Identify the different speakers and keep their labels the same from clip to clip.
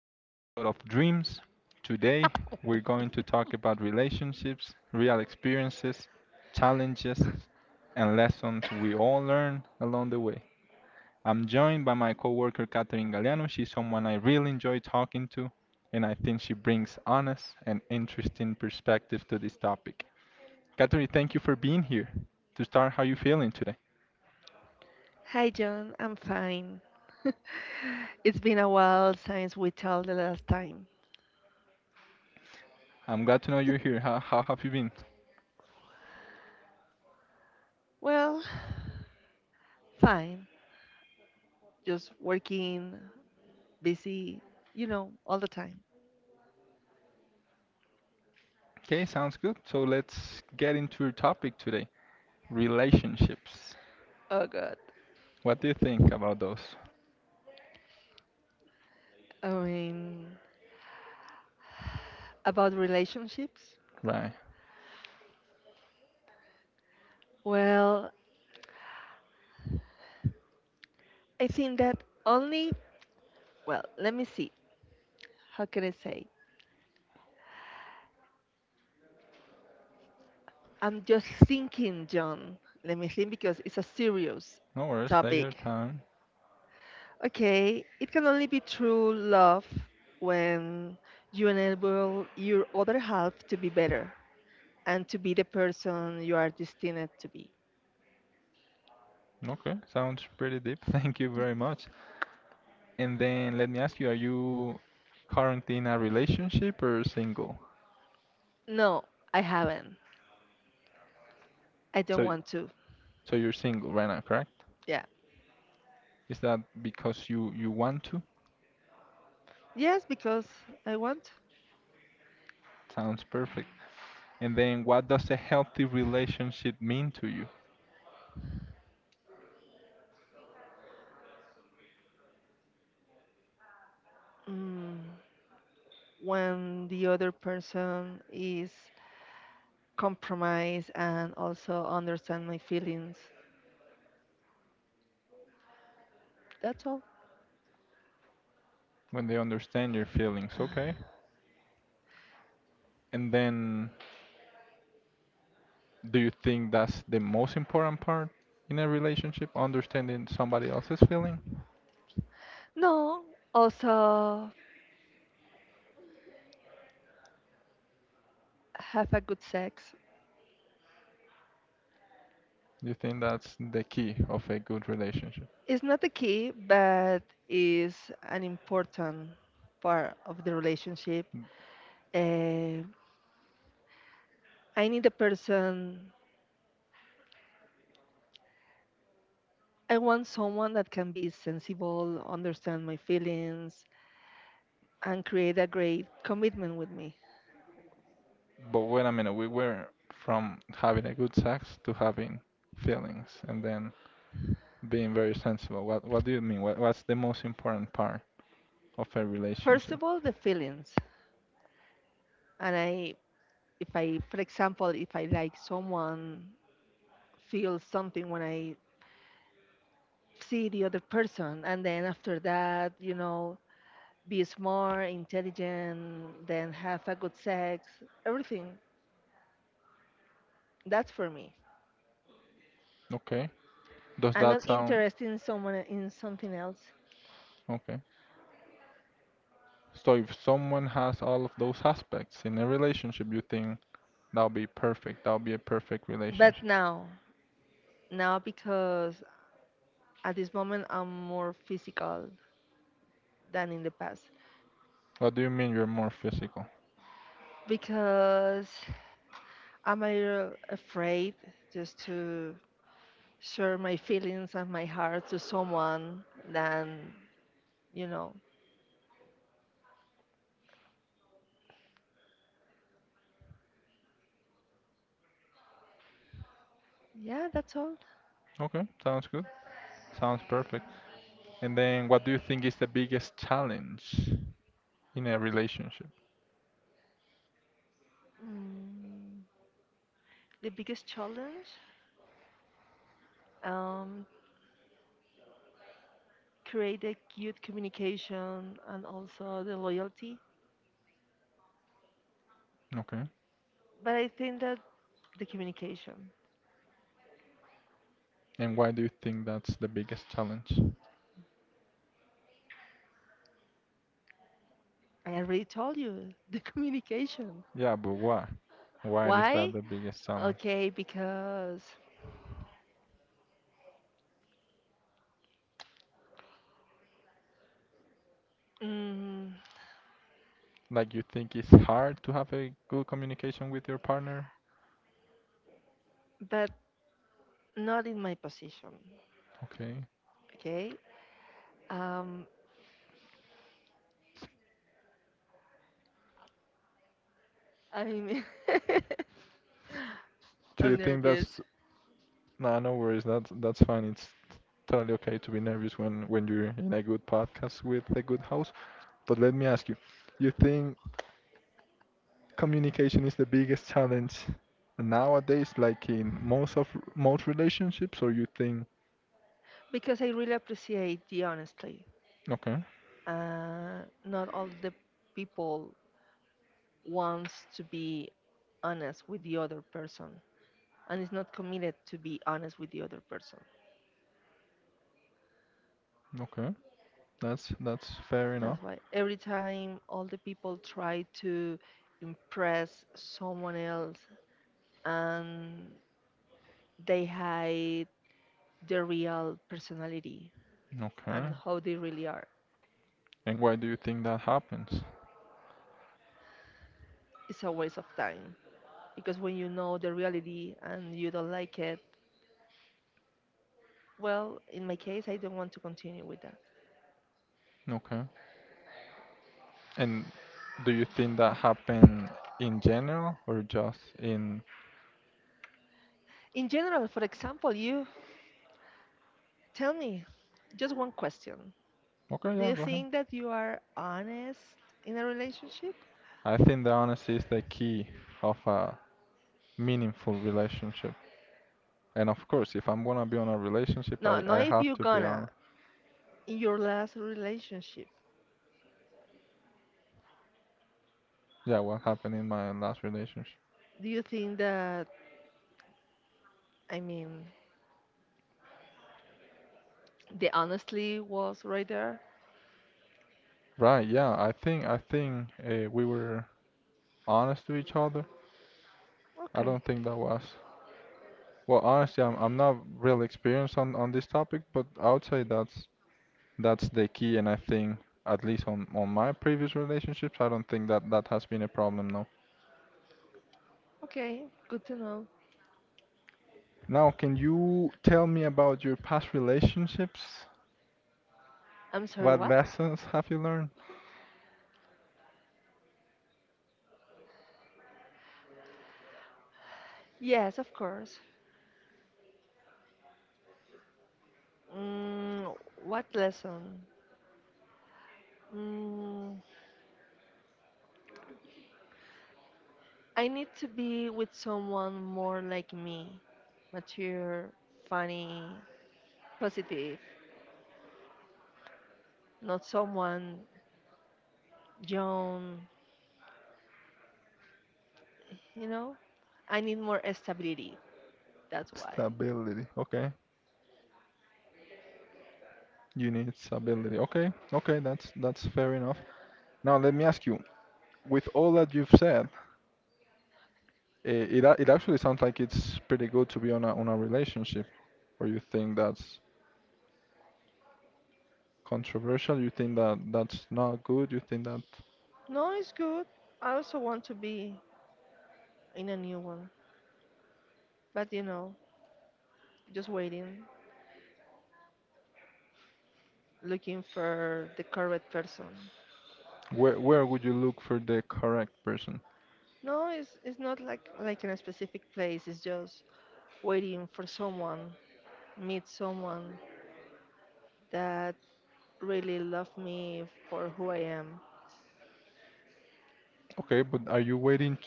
Speaker 1: a new episode of Dreams. Today, we're going to talk about relationships, real experiences, challenges, and lessons we all learn along the way. I'm joined by my coworker Catherine Galeano. She's someone I really enjoy talking to, and I think she brings honest and interesting perspective to this topic. Catherine, thank you for being here. To start, how you feeling today?
Speaker 2: Hi, John. I'm fine. It's been a while since we talked the last time.
Speaker 1: I'm glad to know you're here. How have you been?
Speaker 2: Well, fine. Just working, busy, you know, all the time.
Speaker 1: Okay, sounds good. So let's get into our topic today. Relationships.
Speaker 2: Oh, God.
Speaker 1: What do you think about those?
Speaker 2: I mean, about relationships?
Speaker 1: Right.
Speaker 2: Well, I think that only, well, let me see. How can I say? I'm just thinking, John. Let me think because it's a serious
Speaker 1: No worries. Take your
Speaker 2: topic.
Speaker 1: time.
Speaker 2: Okay, it can only be true love when you enable your other half to be better and to be the person you are destined to be.
Speaker 1: Okay. Sounds pretty deep. Thank you very much. And then let me ask you, are you currently in a relationship or single?
Speaker 2: No, I haven't. I don't
Speaker 1: So,
Speaker 2: want to.
Speaker 1: so, you're single right now, correct?
Speaker 2: Yeah.
Speaker 1: Is that because you want to?
Speaker 2: Yes, because I want.
Speaker 1: Sounds perfect. And then what does a healthy relationship mean to you?
Speaker 2: Mm, when the other person is compromised and also understand my feelings. That's all.
Speaker 1: When they understand your feelings, okay? And then, do you think that's the most important part in a relationship? Understanding somebody else's feeling?
Speaker 2: No, also have a good sex.
Speaker 1: Do you think that's the key of a good relationship?
Speaker 2: It's not the key, but is an important part of the relationship. Uh, I need a person. I want someone that can be sensible, understand my feelings, and create a great commitment with me.
Speaker 1: But wait a minute, we were from having a good sex to having feelings and then being very sensible. What do you mean? What's the most important part of a
Speaker 2: First
Speaker 1: relationship?
Speaker 2: of all, the feelings. And I, if I, for example, if I like someone, feel something when I see the other person, and then after that, you know, be smart, intelligent, then have a good sex, everything. That's for me.
Speaker 1: Okay. Does
Speaker 2: I'm
Speaker 1: that
Speaker 2: not
Speaker 1: sound
Speaker 2: interested in someone in something else.
Speaker 1: okay? So if someone has all of those aspects in a relationship, you think that'll be perfect. That'll be a perfect
Speaker 2: But
Speaker 1: relationship.
Speaker 2: now because at this moment I'm more physical than in the past,
Speaker 1: What do you mean you're more physical?
Speaker 2: because I'm a little afraid just to share my feelings and my heart to someone than you know. Yeah, that's all.
Speaker 1: Okay, sounds good. Sounds perfect. And then what do you think is the biggest challenge in a relationship?
Speaker 2: Mm, the biggest challenge. Um, Create a good communication and also the loyalty.
Speaker 1: Okay.
Speaker 2: But I think that the communication,
Speaker 1: And why do you think that's the biggest challenge?
Speaker 2: I already told you, the communication.
Speaker 1: Yeah, but why? Why is that
Speaker 2: Why?
Speaker 1: the biggest challenge?
Speaker 2: Okay, because, mm,
Speaker 1: Like you think it's hard to have a good communication with your partner?
Speaker 2: but not in my position.
Speaker 1: Okay.
Speaker 2: Okay. Um, I mean,
Speaker 1: So you
Speaker 2: I'm
Speaker 1: think that's
Speaker 2: nervous
Speaker 1: no, no worries. That's fine. It's totally okay to be nervous when you're in a good podcast with a good host. But let me ask you, you think communication is the biggest challenge nowadays like in most relationships, or you think.
Speaker 2: because I really appreciate the honesty.
Speaker 1: Okay.
Speaker 2: Not all the people wants to be honest with the other person, and is not committed to be honest with the other person.
Speaker 1: Okay, that's fair enough.
Speaker 2: That's why every time all the people try to impress someone else and they hide their real personality
Speaker 1: Okay.
Speaker 2: and how they really are,
Speaker 1: And why do you think that happens?
Speaker 2: it's a waste of time. Because when you know the reality and you don't like it, well, in my case, I don't want to continue with that.
Speaker 1: Okay. And do you think that happen in general or just in.
Speaker 2: In general, for example, you tell me just one question.
Speaker 1: Okay,
Speaker 2: Do
Speaker 1: yeah,
Speaker 2: you
Speaker 1: go ahead.
Speaker 2: think that you are honest in a relationship?
Speaker 1: I think the honesty is the key of a meaningful relationship, and of course, if I'm gonna be on a relationship,
Speaker 2: No,
Speaker 1: i
Speaker 2: not
Speaker 1: i
Speaker 2: if
Speaker 1: have
Speaker 2: you're
Speaker 1: to be
Speaker 2: gonna.
Speaker 1: honest.
Speaker 2: In your last relationship,
Speaker 1: Yeah, what happened in my last relationship?
Speaker 2: do you think that, I mean, the honestly was right there?
Speaker 1: Right, yeah, I think we were honest to each other. I
Speaker 2: Okay,
Speaker 1: don't think that was. Well, honestly, I'm not really experienced on this topic, but I would say that's the key, and I think at least on my previous relationships, I don't think that that has been a problem, no.
Speaker 2: okay, good to know.
Speaker 1: Now, can you tell me about your past relationships?
Speaker 2: I'm sorry,
Speaker 1: What
Speaker 2: what?
Speaker 1: lessons have you learned?
Speaker 2: Yes, of course. What lesson? Mm, I need to be with someone more like me, mature, funny, positive, not someone young, you know? I need more stability, that's why.
Speaker 1: Stability. Okay, you need stability. Okay, okay, that's fair enough. Now, let me ask you, with all that you've said, it actually sounds like it's pretty good to be on a relationship. Or you think that's controversial? You think that that's not good? You think that.
Speaker 2: No, it's good. I also want to be in a new one, but you know, just waiting, looking for the correct person.
Speaker 1: Where would you look for the correct person?
Speaker 2: No, it's not like in a specific place. It's just waiting for someone, meet someone that really love me for who I am.
Speaker 1: Okay, but are you waiting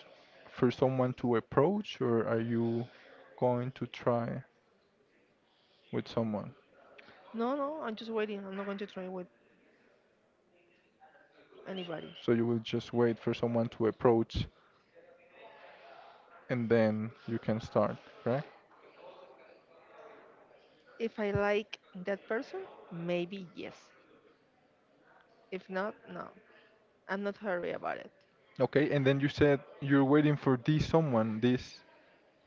Speaker 1: for someone to approach, or are you going to try with someone?
Speaker 2: No, no, I'm just waiting. I'm not going to try with anybody.
Speaker 1: So you will just wait for someone to approach, and then you can start, correct?
Speaker 2: If I like that person, maybe yes. If not, no. I'm not hurry about it.
Speaker 1: Okay, and then you said you're waiting for this someone, this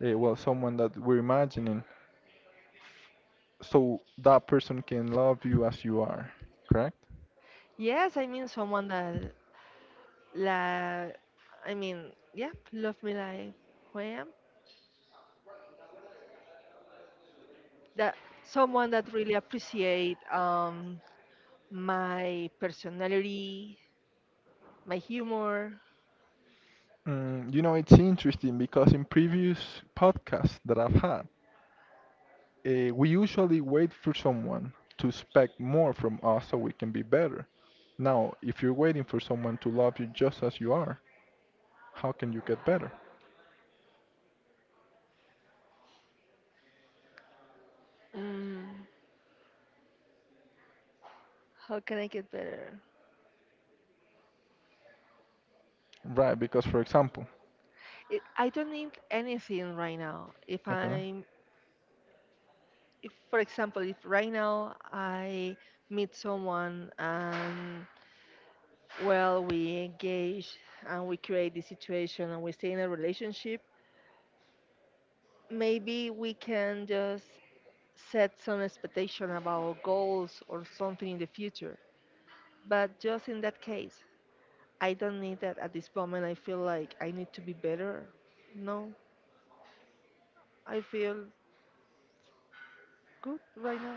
Speaker 1: well, someone that we're imagining so that person can love you as you are, correct?
Speaker 2: Yes, I mean someone that like, I mean, yeah, love me like who I am. That someone that really appreciate my personality, my humor.
Speaker 1: It's interesting because in previous podcasts that I've had, we usually wait for someone to expect more from us so we can be better. Now, if you're waiting for someone to love you just as you are, how can you get better?
Speaker 2: Mm, how can I get better?
Speaker 1: Right, because for example,
Speaker 2: I don't need anything right now.
Speaker 1: okay.
Speaker 2: If for example, if right now I meet someone and well we engage and we create the situation and we stay in a relationship, maybe we can just set some expectation about goals or something in the future. But just in that case, I don't need that at this moment. I feel like I need to be better. No, I feel good right now.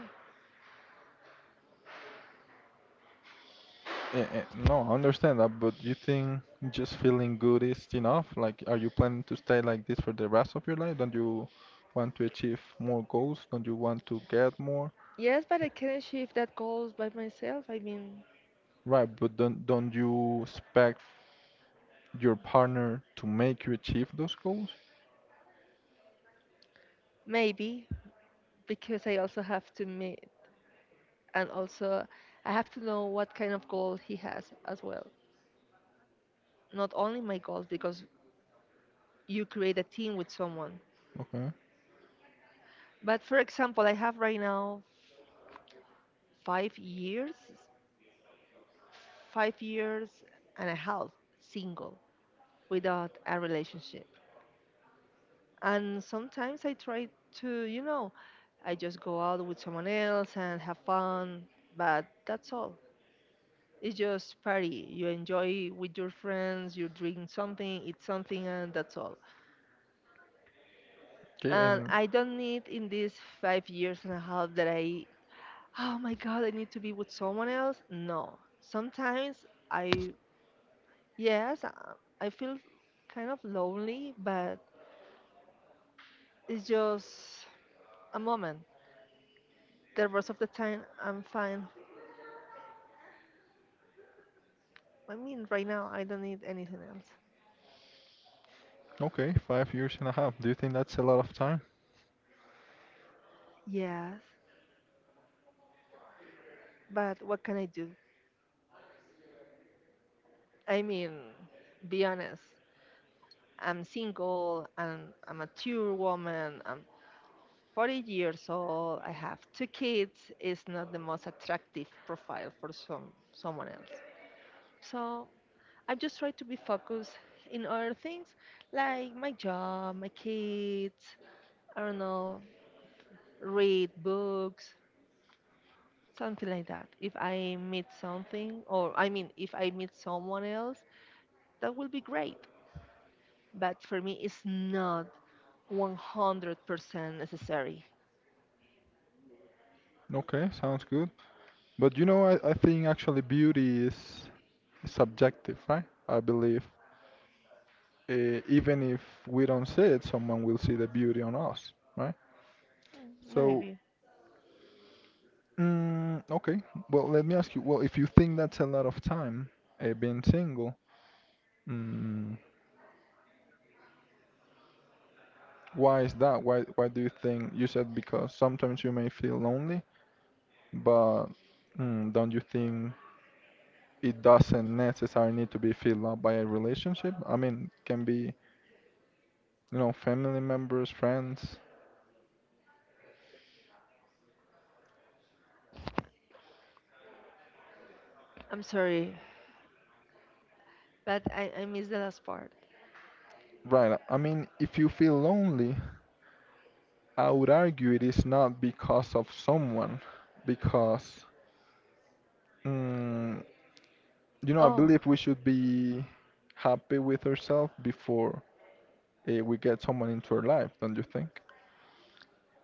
Speaker 1: No, I understand that, but you think just feeling good is enough? Like, are you planning to stay like this for the rest of your life? Don't you want to achieve more goals? Don't you want to get more?
Speaker 2: Yes, but I can achieve that goals by myself. I mean,
Speaker 1: Right, but don't you expect your partner to make you achieve those goals?
Speaker 2: maybe because I also have to meet and also I have to know what kind of goal he has as well. Not only my goals because you create a team with someone.
Speaker 1: Okay.
Speaker 2: But for example, I have right now five years 5 years and a half single without a relationship. And sometimes I try to, you know, I just go out with someone else and have fun, but that's all. It's just party. You enjoy with your friends, you drink something, eat something, and that's all.
Speaker 1: Okay,
Speaker 2: And
Speaker 1: and
Speaker 2: I don't need in these 5 years and a half that I, oh my God, I need to be with someone else. No. Sometimes I, yes, I feel kind of lonely, but it's just a moment. The rest of the time, I'm fine. I mean, right now, I don't need anything else.
Speaker 1: okay, 5 years and a half. Do you think that's a lot of time?
Speaker 2: Yes, but what can I do? I mean, be honest. I'm single and a mature woman. I'm 40 years old. I have two kids. It's not the most attractive profile for someone else. So I just try to be focused in other things like my job, my kids, I don't know, read books, something like that. If I meet something, or I mean, if I meet someone else, that will be great. But for me, it's not 100% necessary.
Speaker 1: Okay, sounds good. But you know, I think actually beauty is subjective, right? I believe, even if we don't see it, someone will see the beauty on us, right? So,
Speaker 2: Maybe.
Speaker 1: okay. Well, let me ask you. Well, if you think that's a lot of time, being single, mm, why is that? Why do you think you said because sometimes you may feel lonely, but don't you think it doesn't necessarily need to be filled up by a relationship? I mean, can be, family members, friends.
Speaker 2: I'm sorry, but I missed the last part.
Speaker 1: Right. I mean, if you feel lonely, I would argue it is not because of someone, because, mm, I
Speaker 2: Oh,
Speaker 1: believe we should be happy with ourselves before, we get someone into our life, don't you think?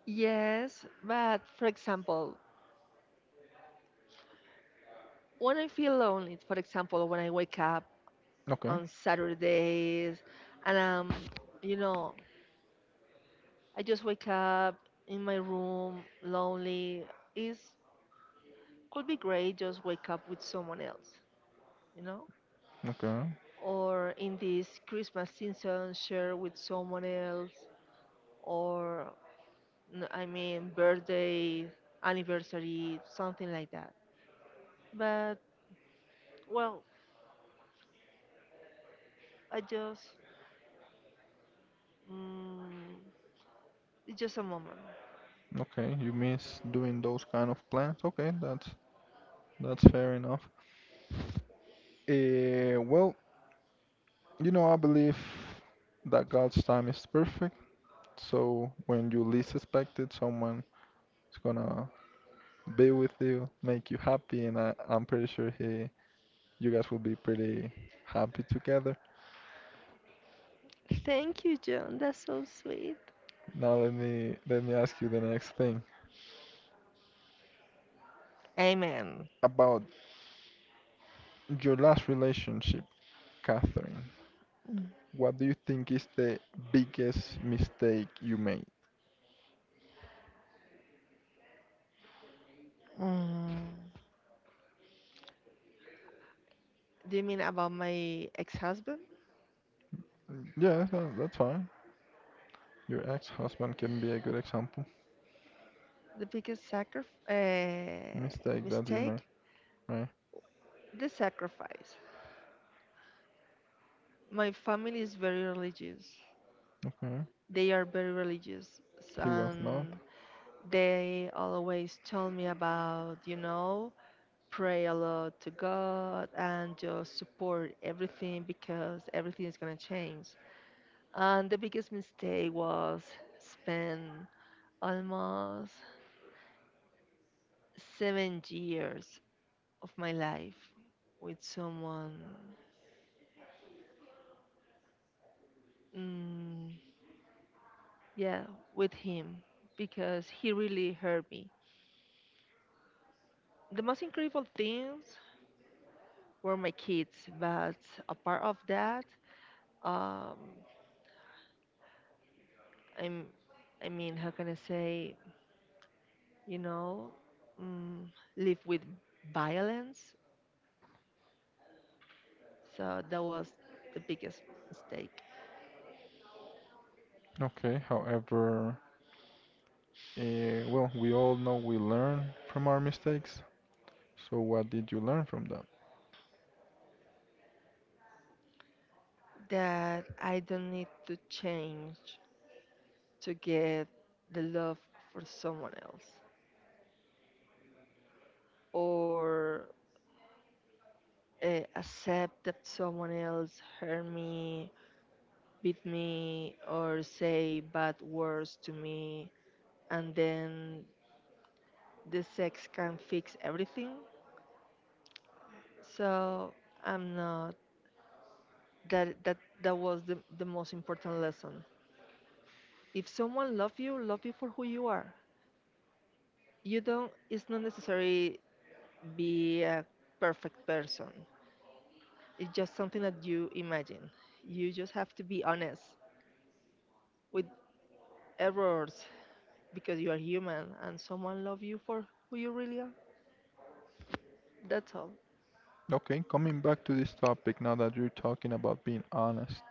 Speaker 2: yes, but for example, when I feel lonely, for example, when I wake up
Speaker 1: Okay,
Speaker 2: on Saturdays and you know, I just wake up in my room lonely, is could be great just wake up with someone else, you know?
Speaker 1: okay,
Speaker 2: Or in this Christmas season, share with someone else, or I mean, birthday, anniversary, something like that. But, well, I just, mm, it's just a moment.
Speaker 1: okay. You miss doing those kind of plans. Okay, that's fair enough. Well, I believe that God's time is perfect. So when you least expect it, someone is gonna be with you, make you happy, and I'm pretty sure you guys will be pretty happy together.
Speaker 2: Thank you, John. That's so sweet.
Speaker 1: Now let me ask you the next thing
Speaker 2: Amen.
Speaker 1: about your last relationship, Catherine. What do you think is the biggest mistake you made?
Speaker 2: Mm, do you mean about my ex-husband?
Speaker 1: Yeah, that's fine. Your ex-husband can be a good example.
Speaker 2: The biggest
Speaker 1: Mistake that you made,
Speaker 2: mistake?
Speaker 1: right?
Speaker 2: The sacrifice. My family is very religious.
Speaker 1: Okay.
Speaker 2: They are very religious,
Speaker 1: He was not.
Speaker 2: and they always tell me about, you know, pray a lot to God and just support everything because everything is gonna change. And the biggest mistake was spend almost 7 years of my life with someone. Mm, yeah, with him, because he really hurt me, the most incredible things were my kids, but a part of that, um, I'm, I mean, how can I say, you know, mm, live with violence. So that was the biggest mistake,
Speaker 1: Okay. However, well, we all know we learn from our mistakes. So, what did you learn from that?
Speaker 2: that I don't need to change to get the love for someone else or accept that someone else hurt me, beat me, or say bad words to me, and then the sex can fix everything. So I'm not that that was the most important lesson. If someone love you for who you are. You don't, it's not necessary be a perfect person. It's just something that you imagine. You just have to be honest with errors, because you are human and someone love you for who you really are. That's all.
Speaker 1: Okay, coming back to this topic now that you're talking about being honest,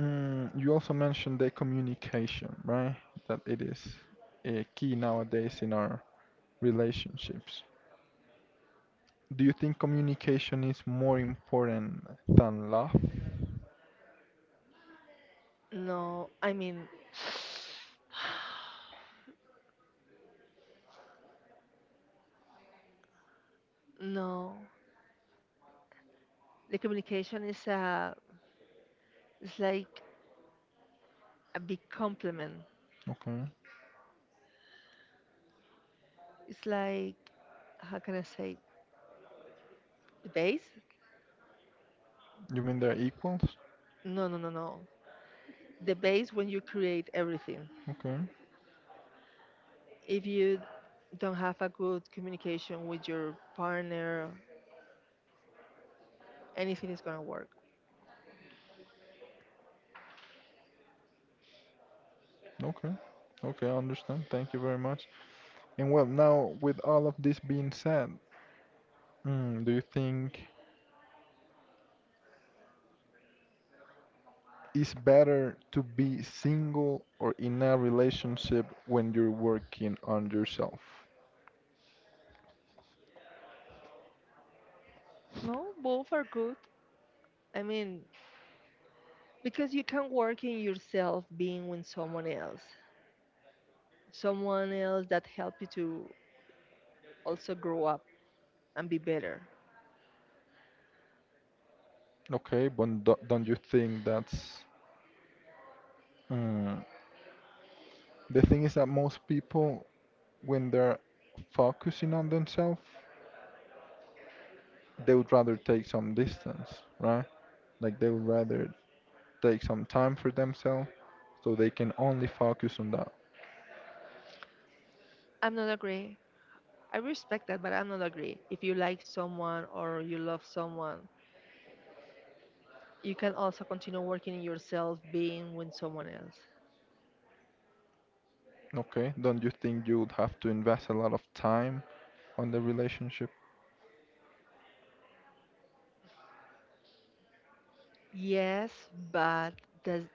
Speaker 1: you also mentioned the communication, right? That it is a key nowadays in our relationships. Do you think communication is more important than love?
Speaker 2: No, I mean, no. The communication is a, it's like a big compliment.
Speaker 1: Okay.
Speaker 2: It's like, how can I say, the base?
Speaker 1: You mean they're equals?
Speaker 2: No, no, no, no. The base when you create everything.
Speaker 1: Okay.
Speaker 2: If you don't have a good communication with your partner, anything is gonna work.
Speaker 1: Okay. Okay, I understand. Thank you very much. And well, now with all of this being said, do you think it's better to be single or in a relationship when you're working on yourself.
Speaker 2: No, both are good. I mean, because you can work in yourself being with someone else that help you to also grow up and be better.
Speaker 1: Okay, but don't you think that's, mm, the thing is that most people, when they're focusing on themselves, they would rather take some distance, right? Like they would rather take some time for themselves so they can only focus on that.
Speaker 2: I'm not agree. I respect that, but I'm not agree. If you like someone or you love someone, you can also continue working in yourself, being with someone else.
Speaker 1: Okay, don't you think you would have to invest a lot of time on the relationship?
Speaker 2: Yes, but that's,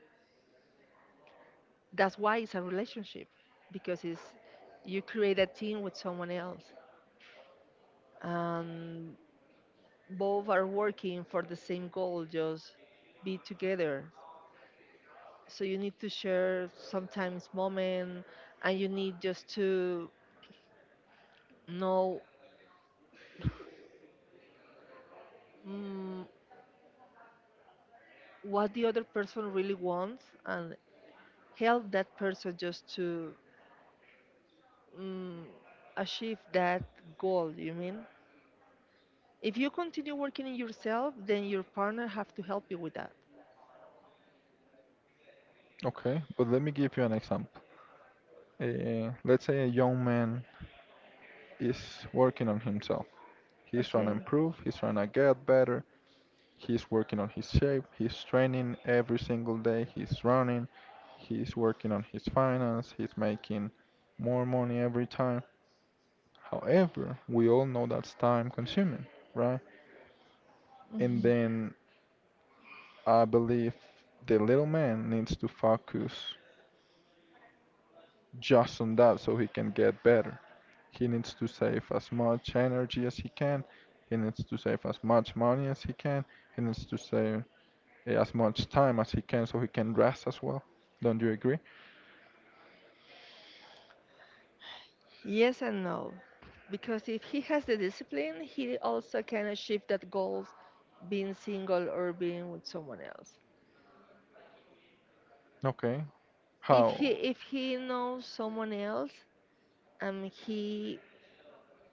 Speaker 2: that's why it's a relationship, because it's you create a team with someone else, and both are working for the same goal, just be together. So you need to share sometimes moment, and you need just to know. Mm, what the other person really wants, and help that person just to mm, achieve that goal, you mean. If you continue working in yourself then your partner have to help you with that.
Speaker 1: Okay, but let me give you an example. Let's say a young man is working on himself. He's trying to
Speaker 2: Okay.
Speaker 1: improve, he's trying to get better, he's working on his shape, he's training every single day, he's running, he's working on his finance, he's making more money every time. However, we all know that's time consuming, right? And
Speaker 2: Hmm,
Speaker 1: then I believe the little man needs to focus just on that so he can get better. He needs to save as much energy as he can. He needs to save as much money as he can. He needs to save, as much time as he can so he can rest as well. Don't you agree?
Speaker 2: yes and no, because if he has the discipline he also can achieve that goals, being single or being with someone else.
Speaker 1: Okay.
Speaker 2: if he
Speaker 1: How?
Speaker 2: if he knows someone else and he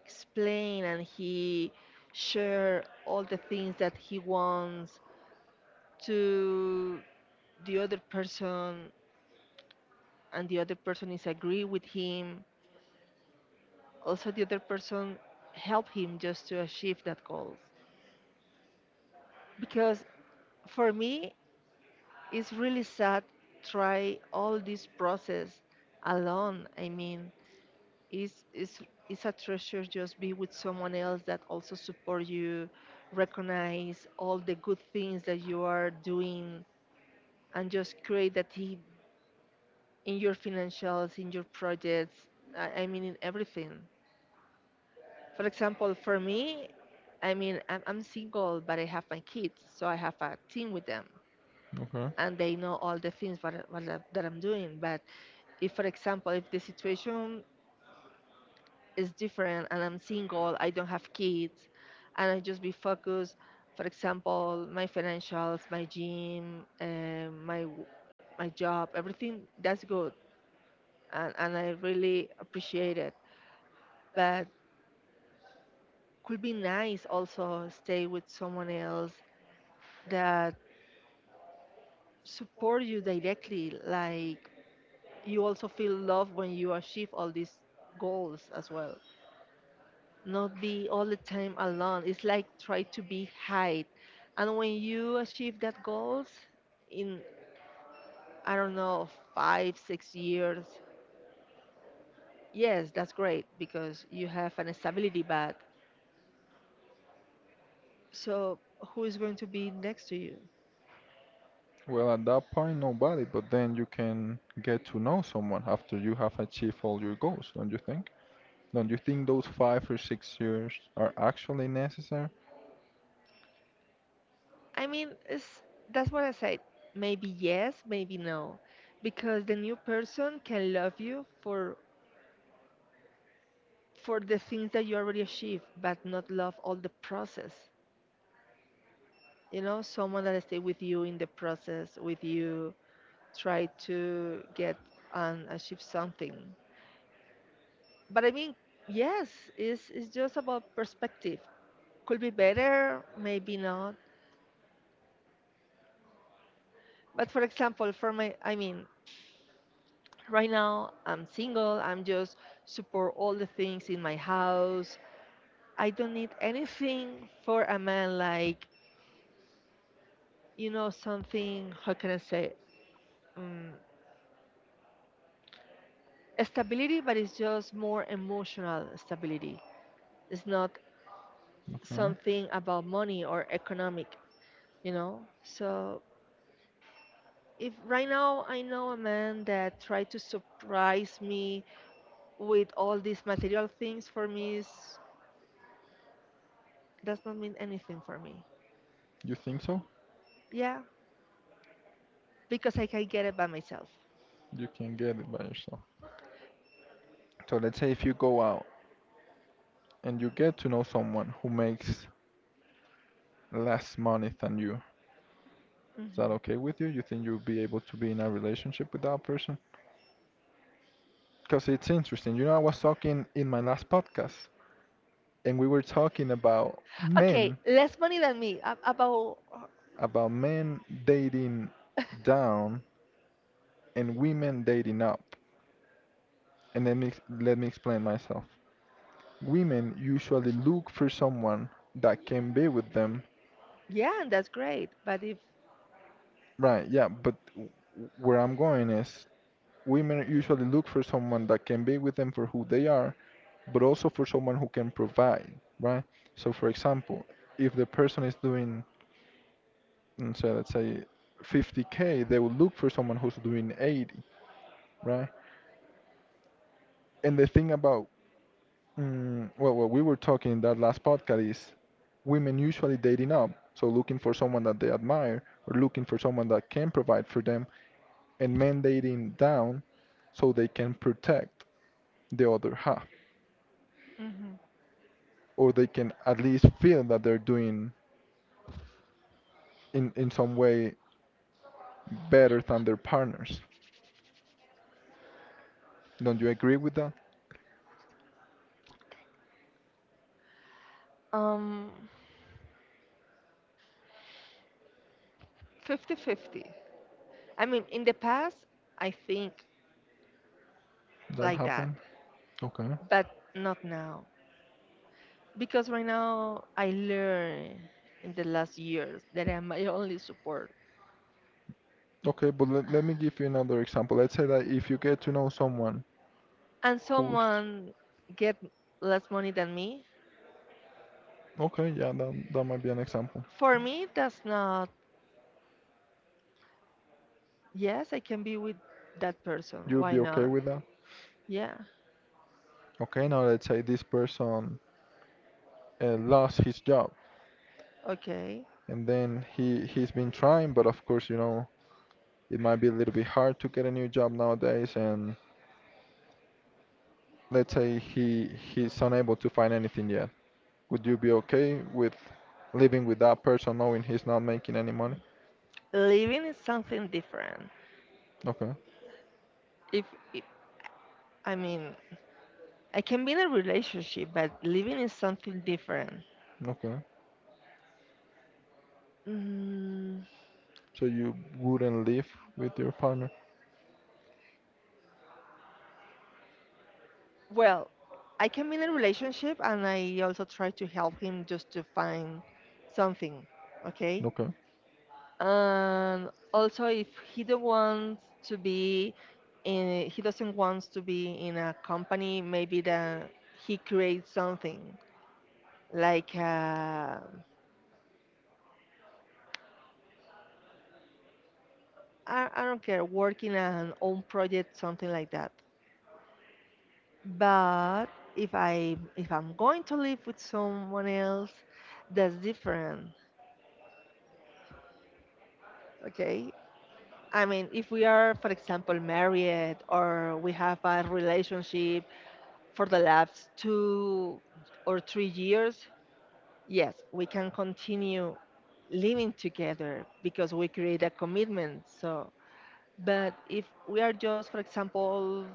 Speaker 2: explain and he share all the things that he wants to the other person, and the other person is agree with him, also the other person help him just to achieve that goal. Because for me it's really sad try all this process alone. I mean it's, it's, it's a treasure just be with someone else that also support you, recognize all the good things that you are doing, and just create that team in your financials, in your projects, I mean in everything. For example, for me, I mean, I'm single, but I have my kids, so I have a team with them,
Speaker 1: Okay.
Speaker 2: and they know all the things what, that I'm doing. But if, for example, if the situation is different and I'm single, I don't have kids, and I just be focused, for example, my financials, my gym, my job, everything that's good, and I really appreciate it. But could be nice also stay with someone else that support you directly, like, you also feel love when you achieve all these goals as well. Not be all the time alone. It's like try to be high, and when you achieve that goals in I don't know 5 6 years, yes, that's great because you have an stability. But so, who is going to be next to you?
Speaker 1: Well, at that point, nobody, but then you can get to know someone after you have achieved all your goals, don't you think? Don't you think those 5 or 6 years are actually necessary?
Speaker 2: i mean it's, that's what I said. Maybe yes, maybe no. Because the new person can love you for the things that you already achieved, but not love all the process. You know, someone that stay with you in the process, with you, try to get and achieve something. But I mean, yes, it's just about perspective. Could be better, maybe not. But for example, for my, I mean, right now I'm single. I'm just support all the things in my house. I don't need anything for a man, like, something. How can I say? um, Stability, but it's just more emotional stability. It's not
Speaker 1: Okay.
Speaker 2: something about money or economic, So if right now I know a man that tried to surprise me with all these material things, for me is, does not mean anything for me.
Speaker 1: You think so?
Speaker 2: Yeah, because I can get it by myself.
Speaker 1: You can get it by yourself. So let's say if you go out and you get to know someone who makes less money than you. Is that
Speaker 2: Hmm.
Speaker 1: okay with you? You think you'll be able to be in a relationship with that person? Because it's interesting. You know, I was talking in my last podcast, and we were talking about
Speaker 2: Okay,
Speaker 1: men,
Speaker 2: less money than me. About.
Speaker 1: about men dating down and women dating up. And then, let me explain myself. Women usually look for someone that can be with them.
Speaker 2: Yeah, and that's great. But if
Speaker 1: Right, yeah, but where I'm going is women usually look for someone that can be with them for who they are, but also for someone who can provide, right? So, for example, if the person is doing, so let's say, 50K, they will look for someone who's doing 80, right? And the thing about, well, what we were talking in that last podcast is women usually dating up, so looking for someone that they admire or looking for someone that can provide for them, and men dating down so they can protect the other half, or they can at least feel that they're doing in some way better than their partners. Don't you agree with that?
Speaker 2: um 50 fifty, I mean, in the past, I think
Speaker 1: That
Speaker 2: like that,
Speaker 1: happened? Okay.
Speaker 2: but not now. Because right now, I learned in the last years that I'm my only support.
Speaker 1: Okay, but let me give you another example. Let's say that if you get to know someone
Speaker 2: And
Speaker 1: who's.
Speaker 2: someone get less money than me,
Speaker 1: Okay, yeah, that might be an example.
Speaker 2: for me, that's not, yes, I can be with that person.
Speaker 1: You'll
Speaker 2: Why
Speaker 1: be okay
Speaker 2: not?
Speaker 1: with that?
Speaker 2: Yeah,
Speaker 1: Okay, now let's say this person, lost his job,
Speaker 2: okay.
Speaker 1: and then he's been trying, but of course, it might be a little bit hard to get a new job nowadays, and let's say he's unable to find anything yet. Would you be okay with living with that person knowing he's not making any money?
Speaker 2: Living is something different.
Speaker 1: Okay,
Speaker 2: If, if I mean, I can be in a relationship, but living is something different.
Speaker 1: okay.
Speaker 2: Mm.
Speaker 1: So you wouldn't live with your partner?
Speaker 2: Well, I came in a relationship and I also tried to help him just to find something, okay?
Speaker 1: Okay,
Speaker 2: And also if he don't want to be he doesn't want to be in a company, maybe that he creates something like I don't care, working an own project, something like that. But if I'm going to live with someone else, that's different. Okay, I mean, if we are, for example, married or we have a relationship for the last 2 or 3 years, yes, we can continue living together because we create a commitment. So, but if we are just, for example,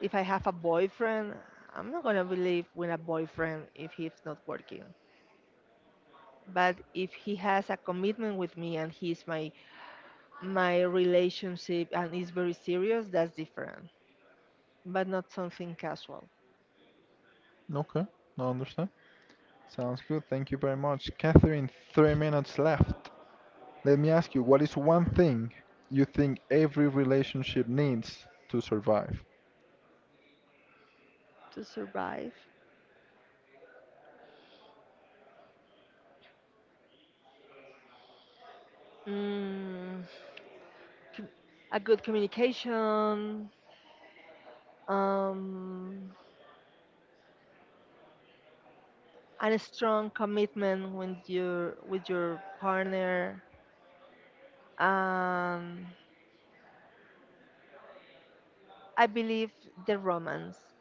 Speaker 2: if I have a boyfriend, I'm not gonna be live with a boyfriend if he's not working. But if he has a commitment with me and he's my relationship and is very serious, that's different. But not something casual.
Speaker 1: okay. I understand. Sounds good. Thank you very much. Catherine, 3 minutes left. Let me ask you, what is one thing you think every relationship needs to survive?
Speaker 2: To survive? Mm, com- a good communication, um, and a strong commitment with your partner. Um, I believe the romance.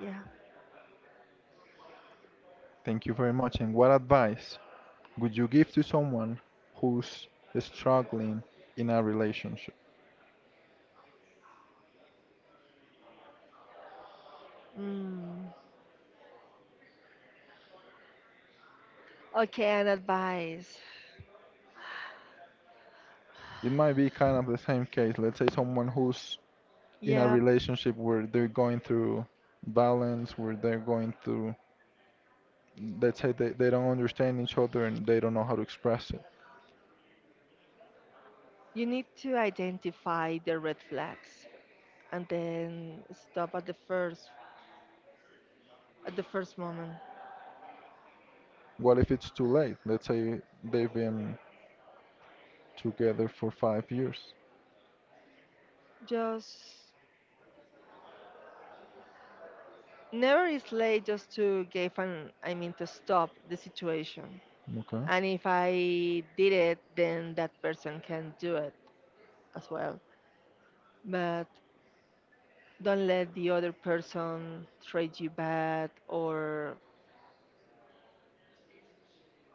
Speaker 2: Yeah.
Speaker 1: Thank you very much. And what advice would you give to someone who's struggling in a relationship?
Speaker 2: Mm. Okay, and advice.
Speaker 1: It might be kind of the same case. Let's say someone who's in a
Speaker 2: Yeah,
Speaker 1: relationship where they're going through violence, where they're going through, let's say they don't understand each other and they don't know how to express it.
Speaker 2: you need to identify the red flags and then stop at the first moment.
Speaker 1: What if it's too late? Let's say they've been together for 5 years.
Speaker 2: Just, never is late, just to give an, to stop the situation.
Speaker 1: Okay.
Speaker 2: And if I did it, then that person can do it as well. But don't let the other person treat you bad or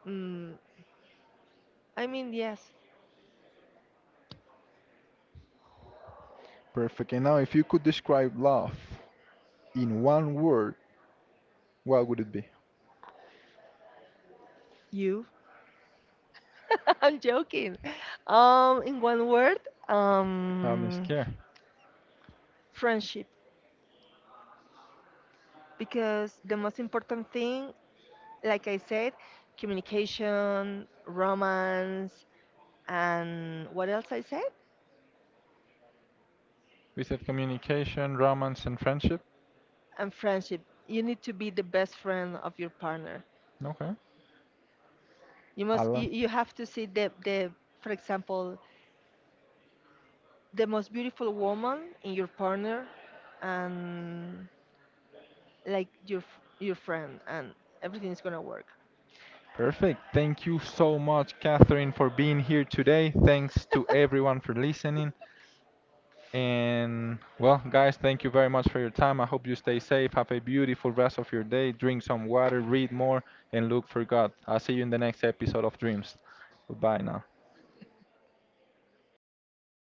Speaker 2: mm, I mean, yes.
Speaker 1: Perfect. And now, if you could describe love in one word, what would it be?
Speaker 2: You. I'm joking. In one word.
Speaker 1: It's
Speaker 2: um
Speaker 1: care.
Speaker 2: Friendship. Because the most important thing, like I said, communication, romance. And what else I said?
Speaker 1: We said communication, romance, and friendship.
Speaker 2: And friendship. You need to be the best friend of your partner.
Speaker 1: Okay. I love.
Speaker 2: You have to see the, for example, the most beautiful woman in your partner, and like your your friend, and everything is going to work.
Speaker 1: Perfect. Thank you so much, Catherine, for being here today. Thanks to everyone for listening. And well, guys, thank you very much for your time. I hope you stay safe. Have a beautiful rest of your day. Drink some water, read more, and look for God. I'll see you in the next episode of Dreams. Goodbye now.